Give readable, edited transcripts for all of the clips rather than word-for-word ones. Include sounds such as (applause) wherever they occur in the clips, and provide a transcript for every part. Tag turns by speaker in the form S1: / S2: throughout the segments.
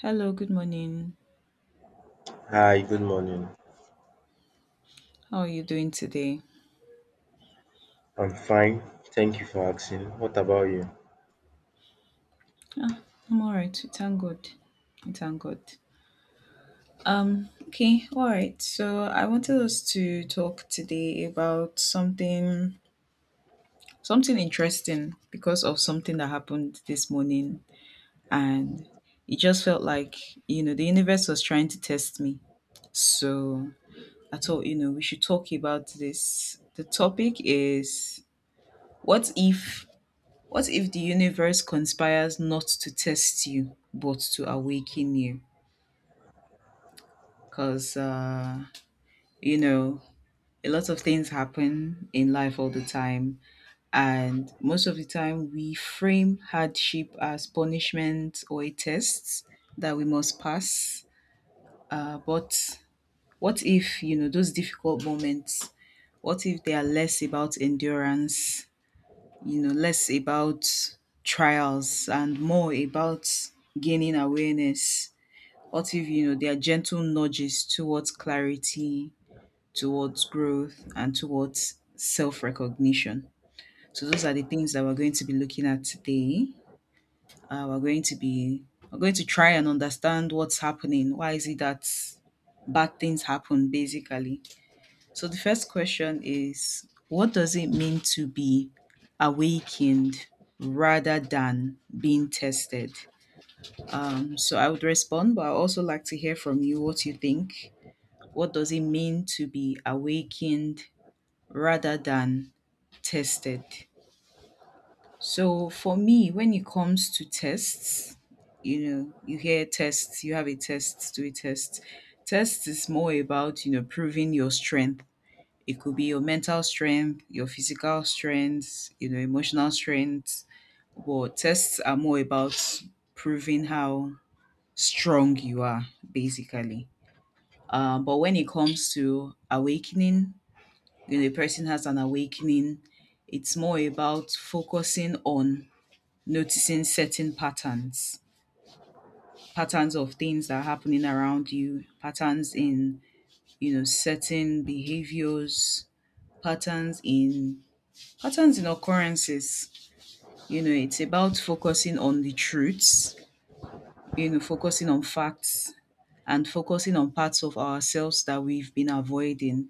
S1: Hello, good morning.
S2: Hi, good morning.
S1: How are you doing today?
S2: I'm fine. Thank you for asking. What about you?
S1: I'm all right. We Thank God. We Thank God. Okay, all right. So I wanted us to talk today about something interesting because of something that happened this morning and it just felt like, the universe was trying to test me. So I thought, we should talk about this. The topic is what if What if the universe conspires not to test you, but to awaken you? Because, you know, a lot of things happen in life all the time. And most of the time, we frame hardship as punishment or a test that we must pass. But what if, those difficult moments, what if they are less about endurance, less about trials and more about gaining awareness. What if, there are gentle nudges towards clarity, towards growth, and towards self recognition? So, those are the things that we're going to be looking at today. Uh, we're going to be we're going to try and understand what's happening. Why is it that bad things happen basically? So the first question is, what does it mean to be awakened rather than being tested? So I would respond, but I also like to hear from you what you think. What does it mean to be awakened rather than tested? So for me, when it comes to tests, you hear tests, you have a test, do a test. Test is more about, proving your strength. It could be your mental strength, your physical strength, emotional strength. But tests are more about proving how strong you are, basically. But when it comes to awakening, a person has an awakening, it's more about focusing on noticing certain patterns, patterns of things that are happening around you, patterns in, certain behaviors, patterns in Patterns in occurrences, it's about focusing on the truths, focusing on facts and focusing on parts of ourselves that we've been avoiding.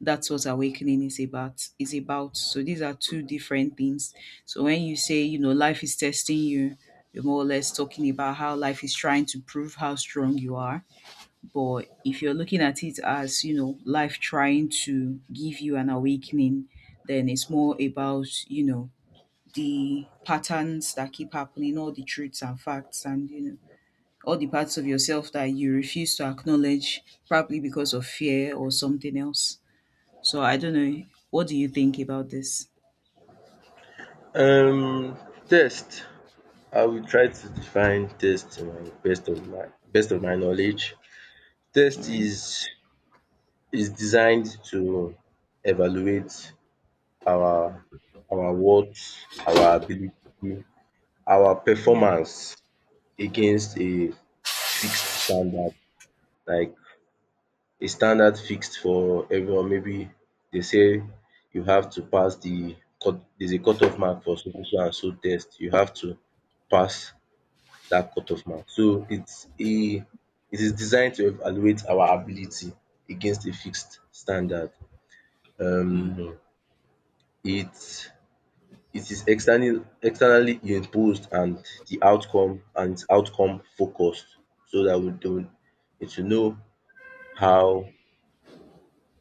S1: That's what awakening is about. So these are two different things. So when you say, life is testing you, you're more or less talking about how life is trying to prove how strong you are. But if you're looking at it as, life trying to give you an awakening, then it's more about, the patterns that keep happening, all the truths and facts, and all the parts of yourself that you refuse to acknowledge, probably because of fear or something else. So I don't know. What do you think about this?
S2: Um, test. I will try to define test to my best of my knowledge.
S1: All
S2: Test
S1: right.
S2: is designed to evaluate our our worth, our ability, our
S1: Yeah.
S2: performance against a fixed standard. Like a standard fixed for everyone. Maybe they say you have to pass the cut there's a cutoff mark for so so and so test. You have to pass that cutoff mark. So it is designed to evaluate our ability against a fixed standard.
S1: Mm,
S2: Um it it is externally imposed and the outcome and its outcome focused so that we don't it will know how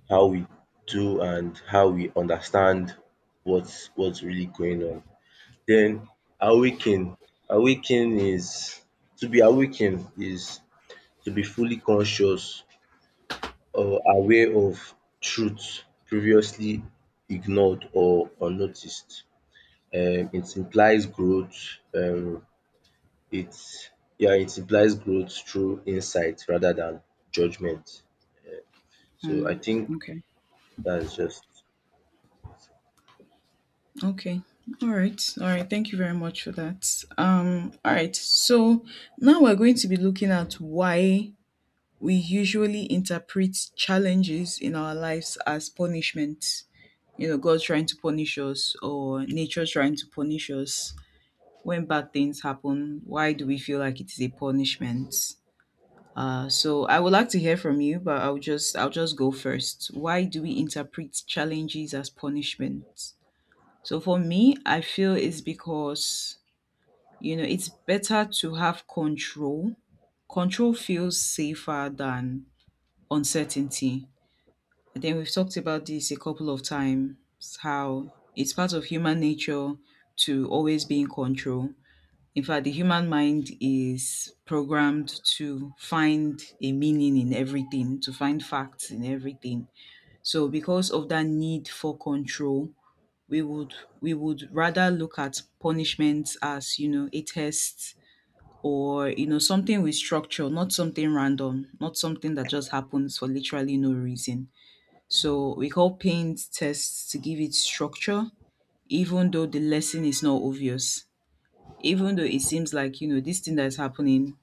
S2: how we do and how we understand what's really going on. Then awaken. Awaken is to be awakened is to be fully conscious or aware of truth previously ignored or unnoticed. It implies growth. It's yeah it implies growth through insight rather than judgment. So I
S1: mm,
S2: think
S1: okay.
S2: that's just
S1: Okay. All right. All right. Thank you very much for that. All right. So now we're going to be looking at why we usually interpret challenges in our lives as punishment. You know, God trying to punish us or nature trying to punish us. When bad things happen, why do we feel like it is a punishment? So I would like to hear from you, but I'll just go first. Why do we interpret challenges as punishment? So for me, I feel it's because, you know, it's better to have control. Control feels safer than uncertainty. I think we've talked about this a couple of times, how it's part of human nature to always be in control. In fact, the human mind is programmed to find a meaning in everything, to find facts in everything. So because of that need for control, we would we would rather look at punishments as, a test or something with structure, not something random, not something that just happens for literally no reason. So we call paint tests to give it structure, even though the lesson is not obvious. Even though it seems like, this thing that's happening,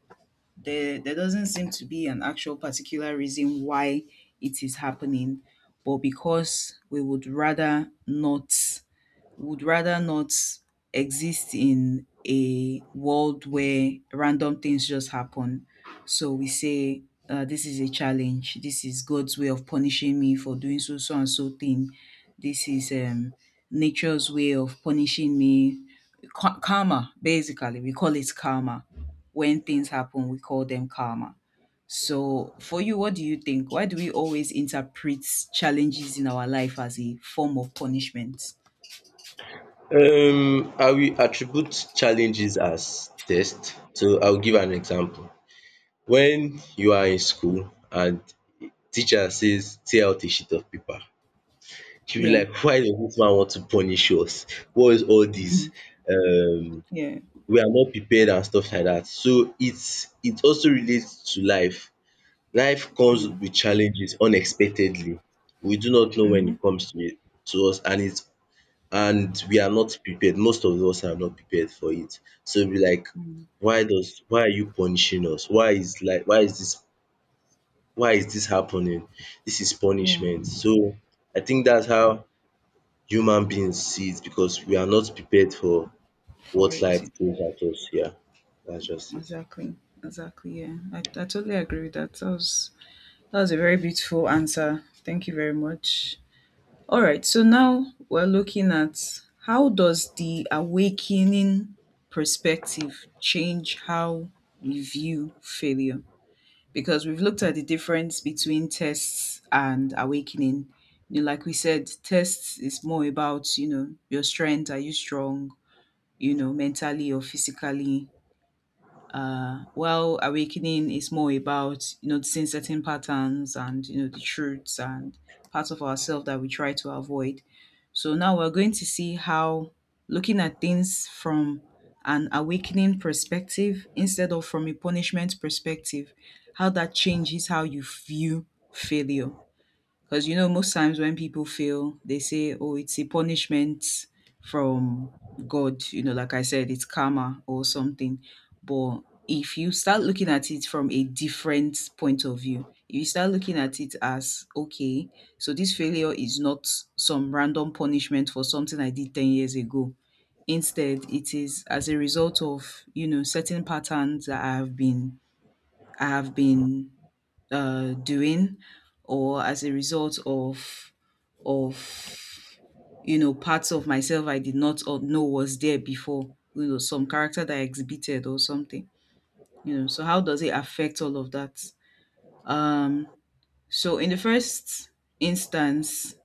S1: there doesn't seem to be an actual particular reason why it is happening, but because we would rather not, would rather not exist in a world where random things just happen. So we say, this is a challenge. This is God's way of punishing me for doing so, so, and so thing. This is nature's way of punishing me. Karma, basically. We call it karma. When things happen, we call them karma. So, for you, what do you think? Why do we always interpret challenges in our life as a form of punishment?
S2: I will attribute challenges as test. So I will give an example. When you are in school and teacher says tear out a sheet of paper, you be
S1: Yeah.
S2: like, why does this man want to punish us? What is all this? Um,
S1: Yeah,
S2: we are not prepared and stuff like that. So it also relates to life. Life comes
S1: yeah,
S2: with challenges unexpectedly. We do not know when
S1: mm-hmm,
S2: it comes to us, and it and we are not prepared. Most of us are not prepared for it. So we like,
S1: mm
S2: why does why are you punishing us? Why is this happening? This is
S1: yeah,
S2: punishment. So I think that's how human beings see it because we are not prepared for
S1: for
S2: what
S1: it, yeah.
S2: life throws at us. Yeah, that's just it.
S1: Exactly, exactly. Yeah, I totally agree with that. That was a very beautiful answer. Thank you very much. All right, so now we're looking at, how does the awakening perspective change how we view failure? Because we've looked at the difference between tests and awakening. You know, like we said, tests is more about, your strength. Are you strong? Mentally or physically. While awakening is more about noticing certain patterns and, the truths and parts of ourselves that we try to avoid. So now we're going to see how looking at things from an awakening perspective instead of from a punishment perspective, how that changes how you view failure. Because, most times when people fail, they say, oh, it's a punishment from God. You know, like I said, it's karma or something. But if you start looking at it from a different point of view, if you start looking at it as, okay, so this failure is not some random punishment for something I did 10 years ago. Instead, it is as a result of, certain patterns that I have been doing, or as a result of of parts of myself I did not or know was there before, some character that I exhibited or something, so how does it affect all of that? um so in the first instance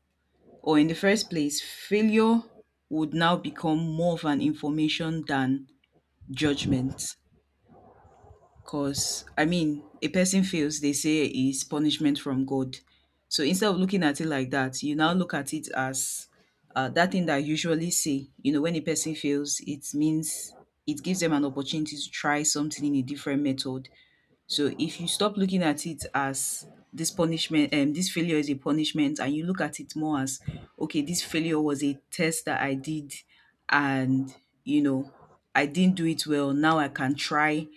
S1: or in the first place, failure would now become more of an information than judgment. Because, I mean, a person fails, they say is punishment from God. So instead of looking at it like that, you now look at it as, that thing that I usually say, when a person fails, it means it gives them an opportunity to try something in a different method. So if you stop looking at it as this punishment, this failure is a punishment, and you look at it more as, okay, this failure was a test that I did, and, you know, I didn't do it well. Now I can try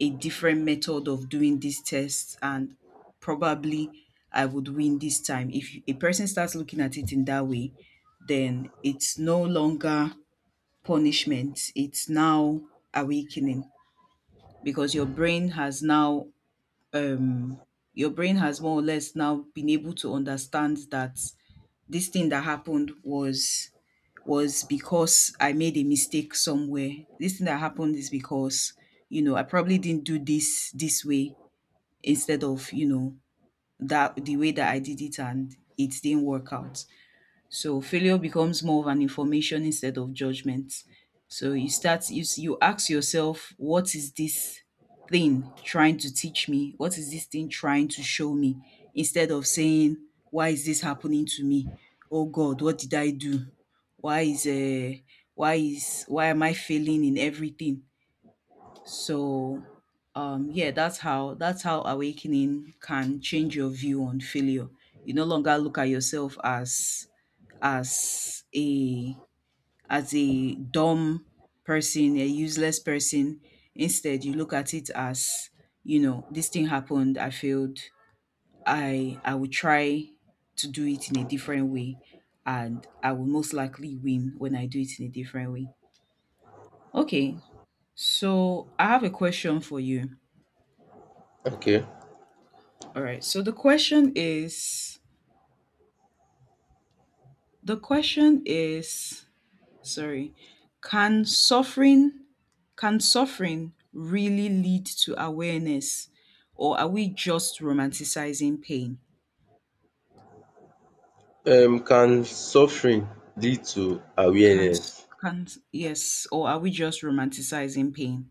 S1: a different method of doing this test and probably I would win this time. If a person starts looking at it in that way, then it's no longer punishment, it's now awakening because your brain has now um your brain has more or less now been able to understand that this thing that happened was because I made a mistake somewhere. This thing that happened is because, I probably didn't do this this way instead of that the way that I did it and it didn't work out. So failure becomes more of an information instead of judgment. So you ask yourself, what is this thing trying to teach me? What is this thing trying to show me? Instead of saying, why is this happening to me? Oh God, what did I do? Why is why am I failing in everything? So yeah, that's how awakening can change your view on failure. You no longer look at yourself as as a a dumb person, a useless person. Instead, you look at it as, this thing happened, I failed. I will try to do it in a different way and I will most likely win when I do it in a different way. Okay, so I have a question for you.
S2: Okay.
S1: All right. So the question is sorry, can suffering, can suffering really lead to awareness, or are we just romanticizing pain?
S2: Can suffering lead to
S1: Can
S2: awareness?
S1: can yes, or are we just romanticizing pain?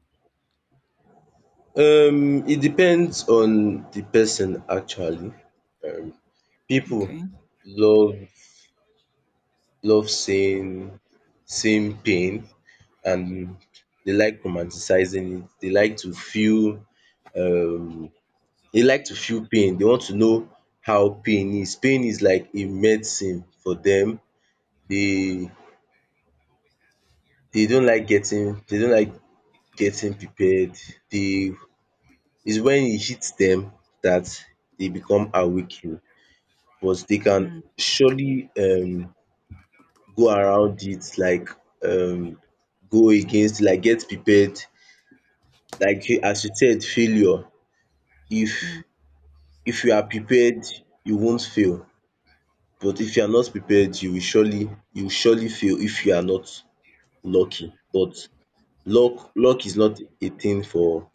S2: It depends on the person actually. Um, people
S1: Okay.
S2: love love saying seeing pain and they like romanticizing it. They like to feel um they like to feel pain. They want to know how pain is. Pain is like a medicine for them. They they don't like getting prepared. They it's when it hits them that they become awakened. But they can
S1: Mm,
S2: surely go around it, like um go against, like get prepared, like you as you said, failure. if
S1: yeah.
S2: if you are prepared, you won't fail, but if you are not prepared, you will surely fail if you are not lucky. But luck is not a thing for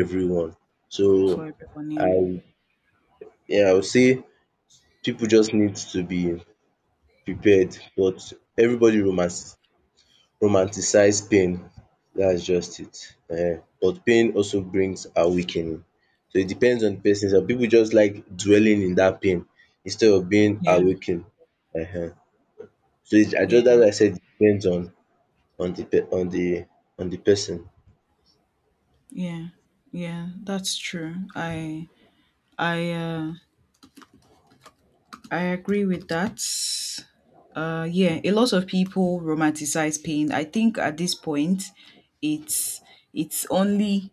S2: everyone. So
S1: For everyone, yeah.
S2: I yeah, I would say people just need to be prepared. But everybody romance romanticize pain, that's just it. But pain also brings awakening. So it depends on the person. Some people just like dwelling in that pain instead of being
S1: Yeah,
S2: awakened. um So it I just that's
S1: yeah,
S2: why I said it depends on the pe on the person.
S1: yeah. Yeah, that's true. I uh I agree with that. Yeah, a lot of people romanticize pain. I think at this point, it's it's only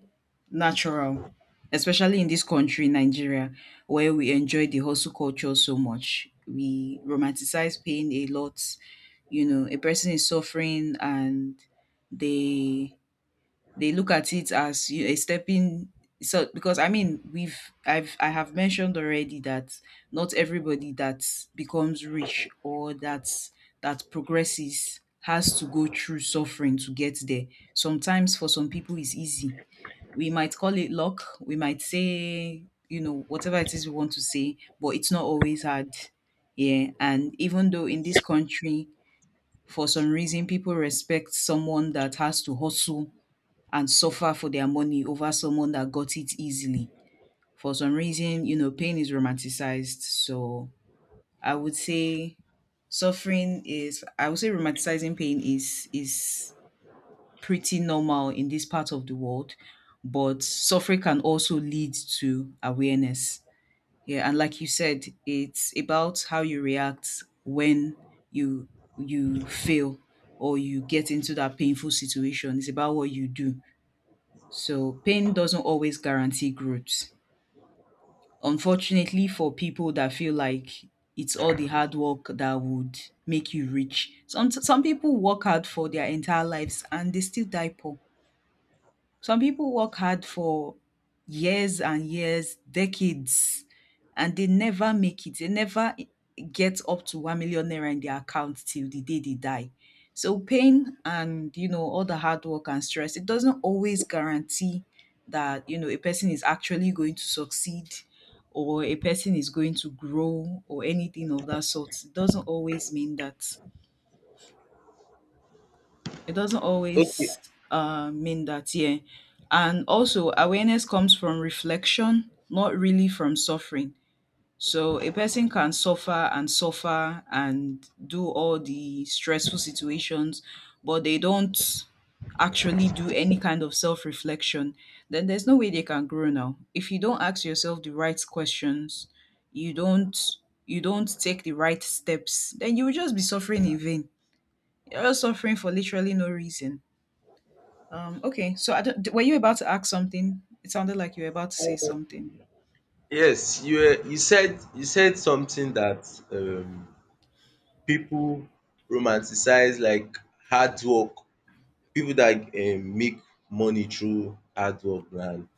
S1: natural, especially in this country, Nigeria, where we enjoy the hustle culture so much. We romanticize pain a lot. You know, a person is suffering and they they look at it as you a stepping so because I mean we've I've I have mentioned already that not everybody that becomes rich or that progresses has to go through suffering to get there. Sometimes for some people it's easy. We might call it luck, we might say, you know, whatever it is we want to say, but it's not always hard. Yeah. And even though in this country, for some reason, people respect someone that has to hustle and suffer for their money over someone that got it easily. For some reason, you know, pain is romanticized. So I would say romanticizing pain is pretty normal in this part of the world, but suffering can also lead to awareness. Yeah, and like you said, it's about how you react when you you fail or you get into that painful situation. It's about what you do, so pain doesn't always guarantee growth. Unfortunately, for people that feel like it's all the hard work that would make you rich, some people work hard for their entire lives and they still die poor. Some people work hard for years and years, decades, and they never make it. They never get up to 1 million naira in their account till the day they die. So pain and, you know, all the hard work and stress, it doesn't always guarantee that, you know, a person is actually going to succeed or a person is going to grow or anything of that sort. It doesn't always mean that it doesn't
S2: Okay,
S1: always mean that. Yeah. And also awareness comes from reflection, not really from suffering. So a person can suffer and suffer and do all the stressful situations, but they don't actually do any kind of self-reflection. Then there's no way they can grow. Now, if you don't ask yourself the right questions, you don't you don't take the right steps, then you will just be suffering in vain. You're just suffering for literally no reason. Okay, so I don't, were you about to ask something? It sounded like you were about to say something.
S2: yes, you said something. That um People romanticize, like, hard work. People that make money through hard work and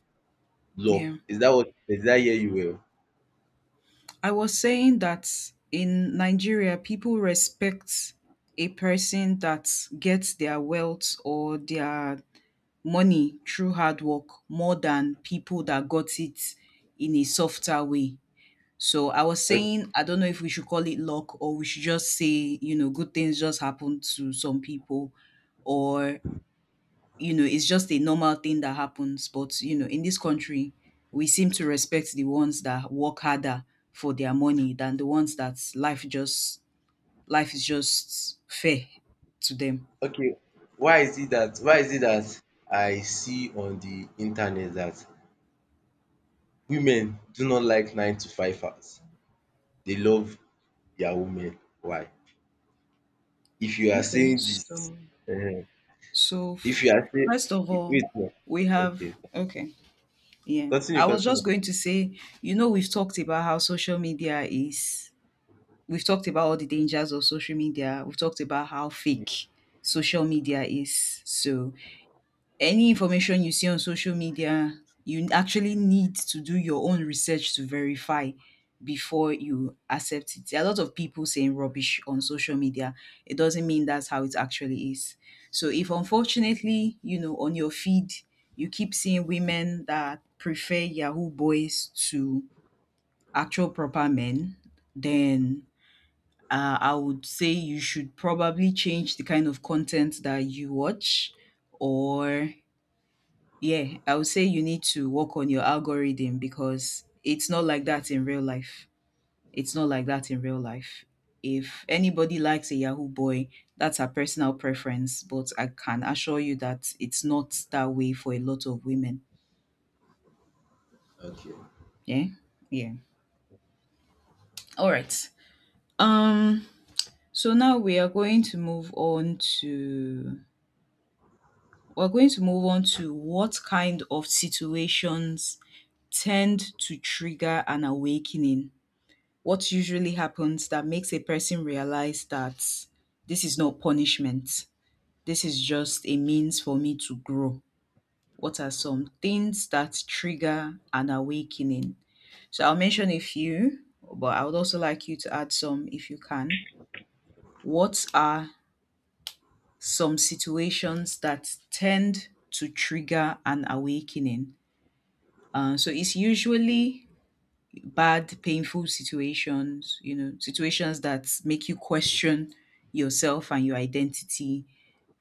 S2: love.
S1: Yeah.
S2: Is that what is that? I you
S1: I was saying that in Nigeria, people respect a person that gets their wealth or their money through hard work more than people that got it in a softer way. So I was
S2: well?
S1: saying, I don't know if we should call it luck or we should just say, you know, good things just happen to some people or. You know, it's just a normal thing that happens. But, you know, in this country, we seem to respect the ones that work harder for their money than the ones that life is just fair to them.
S2: Okay. Why is it that I see on the internet that women do not like 9 to 5 hours. They love their women. Why? If you are
S1: Okay.
S2: saying this,
S1: So
S2: um
S1: so
S2: if you are saying
S1: first of all,
S2: wait now.
S1: we have
S2: Okay.
S1: okay. Yeah.
S2: Continue,
S1: I was
S2: continue.
S1: just going to say, you know, we've talked about all the dangers of social media. We've talked about how fake social media is. So any information you see on social media, you actually need to do your own research to verify before you accept it. There are a lot of people saying rubbish on social media. It doesn't mean that's how it actually is. So if, unfortunately, you know, on your feed you keep seeing women that prefer Yahoo boys to actual proper men, then I would say you should probably change the kind of content that you watch, or yeah, I would say you need to work on your algorithm, because it's not like that in real life. It's not like that in real life. If anybody likes a Yahoo boy, that's her personal preference, but I can assure you that it's not that way for a lot of women.
S2: Okay.
S1: Yeah? Yeah. All right. Um so now we're going to move on to what kind of situations tend to trigger an awakening, what usually happens that makes a person realize that this is not punishment, this is just a means for me to grow? What are some things that trigger an awakening? So I'll mention a few, but I would also like you to add some if you can. What are some situations that tend to trigger an awakening? So it's usually bad, painful situations, you know, situations that make you question yourself and your identity.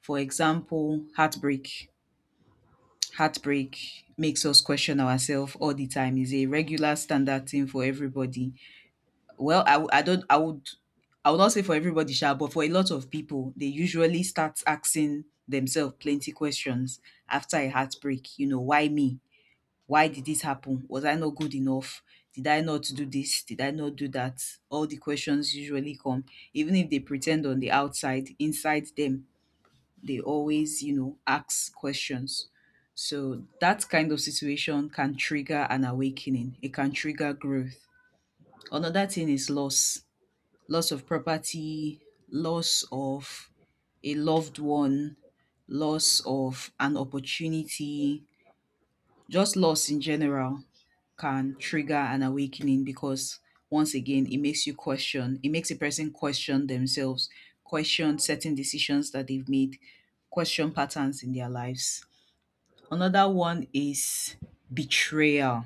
S1: For example, heartbreak. Heartbreak makes us question ourselves all the time. Is a regular standard thing for everybody. Well, I, w- I don't, I would not say for everybody, sha, but for a lot of people, they usually start asking themselves plenty questions after a heartbreak. You know, why me? Why did this happen? Was I not good enough? Did I not do this? Did I not do that? All the questions usually come. Even if they pretend on the outside, inside them, they always, you know, ask questions. So that kind of situation can trigger an awakening, it can trigger growth. Another thing is loss of property, loss of a loved one, loss of an opportunity, just loss in general can trigger an awakening, because once again it makes a person question themselves, question certain decisions that they've made, question patterns in their lives. Another one is betrayal.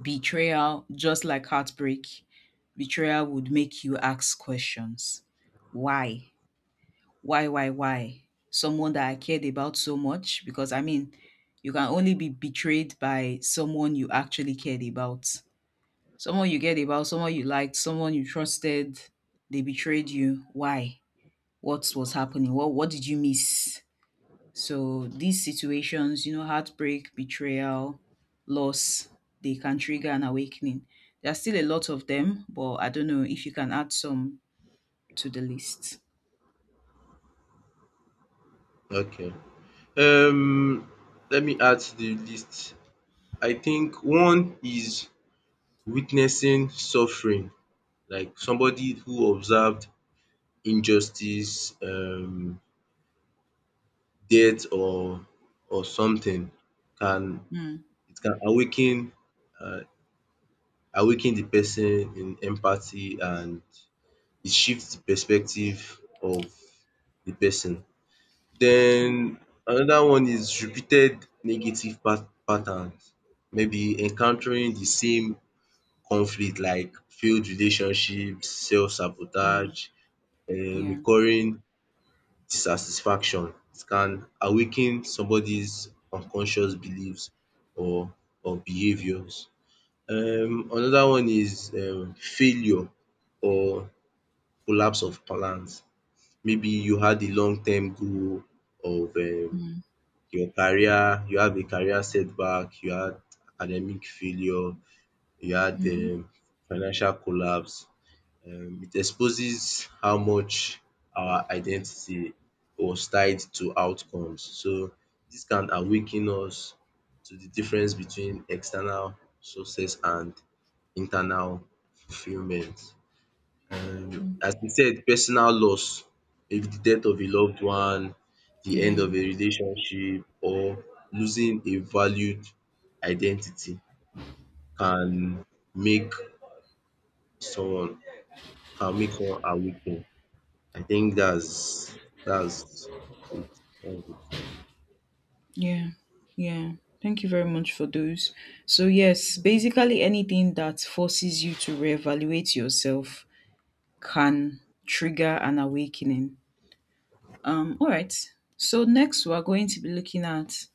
S1: Betrayal, just like heartbreak, betrayal would make you ask questions. Why? Why, why, why? Someone that I cared about so much? Because I mean, you can only be betrayed by someone you actually cared about. Someone you cared about, someone you liked, someone you trusted, they betrayed you. Why? What was happening? What did you miss? So these situations, you know, heartbreak, betrayal, loss, they can trigger an awakening. There are still a lot of them, but I don't know if you can add some to the list.
S2: Okay. Um, let me add to the list. I think one is witnessing suffering, like somebody who observed injustice, death or something can.
S1: Mm,
S2: It can awaken um awaken the person in empathy and it shifts the perspective of the person.
S1: yeah,
S2: Then another one is repeated negative patterns. Maybe encountering the same conflict, like failed relationships,
S1: mm,
S2: self-sabotage,
S1: yeah.
S2: recurring dissatisfaction. It can awaken somebody's unconscious beliefs or or behaviors. Another one is failure or collapse of plans. Maybe you had a long term goal of
S1: Hmm.
S2: your career. You have a career setback, you had academic failure, you had
S1: Mm-hmm.
S2: financial collapse. It exposes how much our identity was tied to outcomes. So this can awaken us to the difference between external success and internal fulfillment.
S1: Mm-hmm.
S2: As we said, personal loss, maybe the death of a loved one, the end
S1: Yeah,
S2: of a relationship, or losing a valued identity can make someone can make someone awaken. I think that's it. Um,
S1: yeah, yeah. Thank you very much for those. So, yes, basically anything that forces you to reevaluate yourself can trigger an awakening. All right. So, next we are going to be looking at,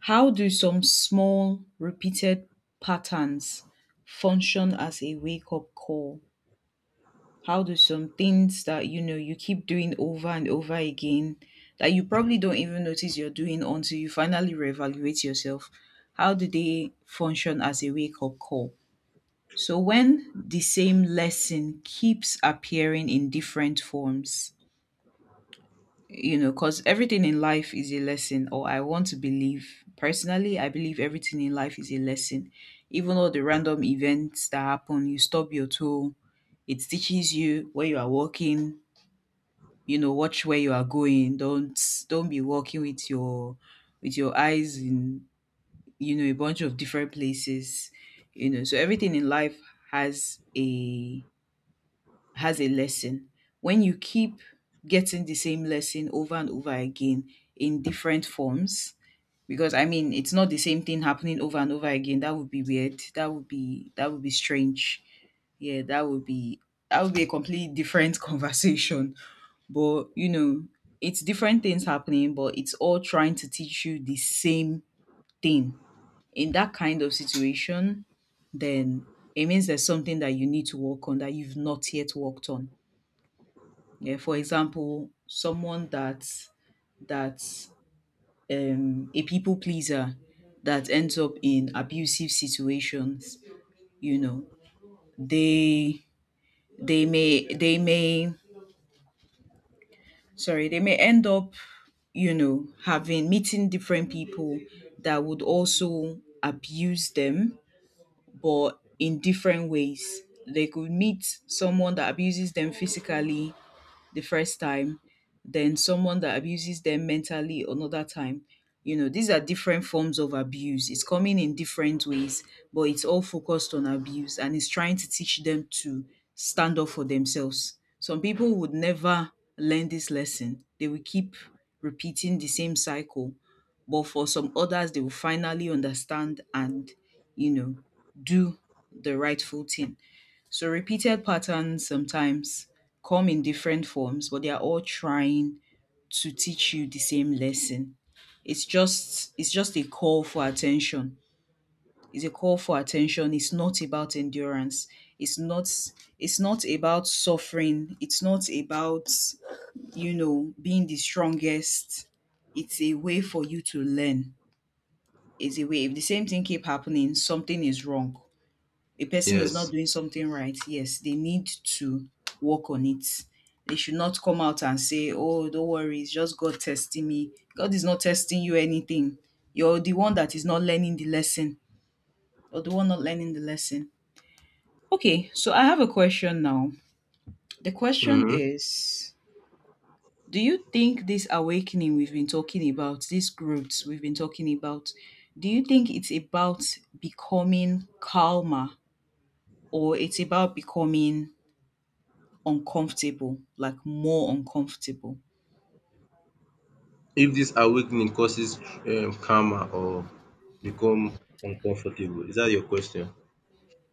S1: how do some small repeated patterns function as a wake up call? How do some things that, you know, you keep doing over and over again, that you probably don't even notice you're doing until you finally reevaluate yourself? How do they function as a wake up call? So, when the same lesson keeps appearing in different forms, you know, because everything in life is a lesson, or I want to believe, personally, I believe everything in life is a lesson. Even all the random events that happen, you stub your toe, it teaches you where you are walking. You know, watch where you are going. Don't be walking with your eyes in, you know, a bunch of different places. You know, so everything in life has a has a lesson. When you keep getting the same lesson over and over again in different forms, because I mean, it's not the same thing happening over and over again, that would be weird, that would be strange. Yeah, that would be a completely different (laughs) conversation. But, you know, it's different things happening, but it's all trying to teach you the same thing. In that kind of situation, then it means there's something that you need to work on that you've not yet worked on. Yeah, for example, someone that's a people pleaser that ends up in abusive situations, you know, they they may they may they may end up, you know, having meeting different people that would also abuse them, but in different ways. They could meet someone that abuses them physically, the first time, then someone that abuses them mentally another time. You know, these are different forms of abuse. It's coming in different ways, but it's all focused on abuse, and it's trying to teach them to stand up for themselves. Some people would never learn this lesson, they will keep repeating the same cycle. But for some others, they will finally understand and, you know, do the rightful thing. So repeated patterns sometimes come in different forms, but they are all trying to teach you the same lesson. It's just a call for attention. It's a call for attention. It's not about endurance. It's not it's not about suffering. It's not about, you know, being the strongest. It's a way for you to learn. It's a way. If the same thing keep happening, something is wrong, a person is not
S2: Yes.
S1: doing something right, yes, they need to work on it. They should not come out and say, "Oh, don't worry, it's just God testing me." God is not testing you anything. You're the one that is not learning the lesson. You're the one not learning the lesson. Okay, so I have a question now. The question
S2: Mm-hmm.
S1: is, do you think this awakening we've been talking about, this growth we've been talking about, do you think it's about becoming calmer, or it's about becoming uncomfortable, like more uncomfortable?
S2: If this awakening causes, karma or become uncomfortable, is that your question?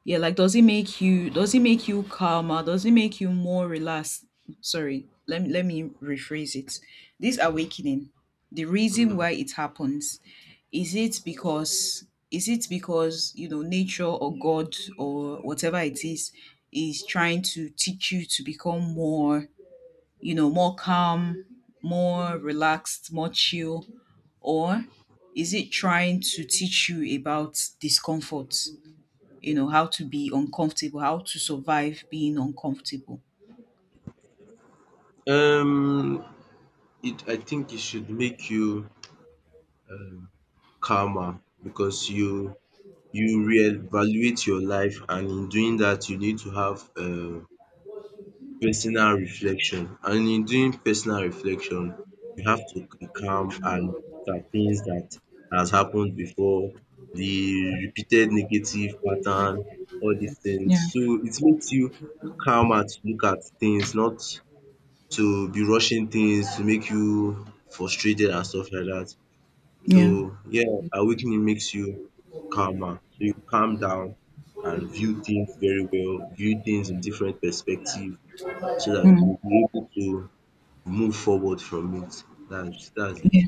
S1: Yeah, like does it make you calmer? Does it make you more relaxed? Sorry, let me rephrase it. This awakening, the reason
S2: Mhm.
S1: why it happens, is it because is it because, you know, nature or God or whatever it is trying to teach you to become more, you know, more calm, more relaxed, more chill? Or is it trying to teach you about discomfort? You know, how to be uncomfortable, how to survive being uncomfortable.
S2: Um, it I think it should make you calmer, because you reevaluate your life, and in doing that, you need to have personal reflection, and in doing personal reflection you have to be calm and look at things that has happened before, the repeated negative pattern, all these things.
S1: Yeah,
S2: So it makes you calmer to look at things, not to be rushing things to make you frustrated and stuff like that. So
S1: yeah,
S2: yeah, awakening makes you calmer. So you calm down and view things very well, view things in different perspective so that
S1: mm,
S2: you'll be able to move forward from it. That's
S1: yeah,
S2: it.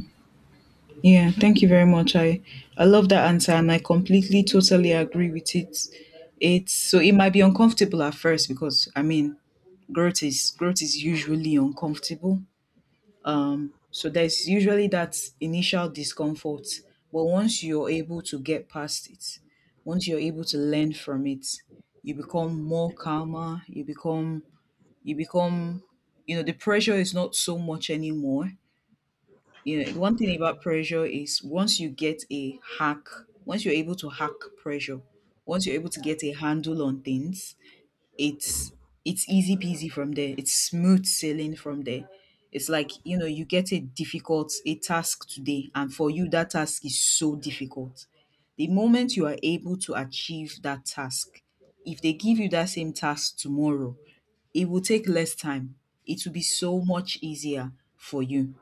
S1: yeah. Thank you very much. I love that answer, and I completely, totally agree with it. It's So it might be uncomfortable at first, because I mean, growth is usually uncomfortable. So there's usually that initial discomfort, but once you're able to get past it, once you're able to learn from it, you become more calmer. You become you know, the pressure is not so much anymore. You know, the one thing about pressure is, once you get a hack, once you're able to hack pressure, once you're able to get a handle on things, it's it's easy peasy from there. It's smooth sailing from there. It's like, you know, you get a task today, and for you that task is so difficult. The moment you are able to achieve that task, if they give you that same task tomorrow, it will take less time. It will be so much easier for you.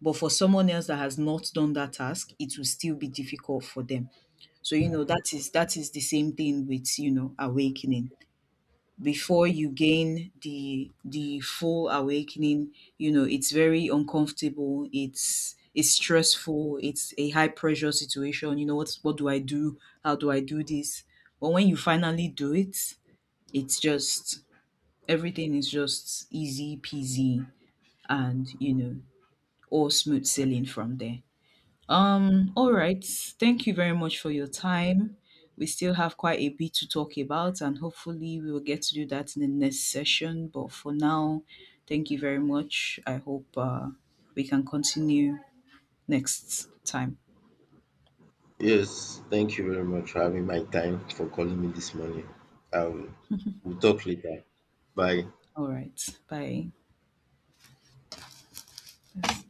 S1: But for someone else that has not done that task, it will still be difficult for them. So, you know, that is the same thing with, you know, awakening. Before you gain the full awakening, you know, it's very uncomfortable, it's stressful, it's a high pressure situation. You know, what do I do? How do I do this? But when you finally do it, it's just everything is just easy peasy, and, you know, all smooth sailing from there. All right. Thank you very much for your time. We still have quite a bit to talk about, and hopefully we will get to do that in the next session. But for now, thank you very much. I hope we can continue next time.
S2: Yes, thank you very much for having my time for calling me this morning. I will we'll talk later. Bye.
S1: All right. Bye. Yes.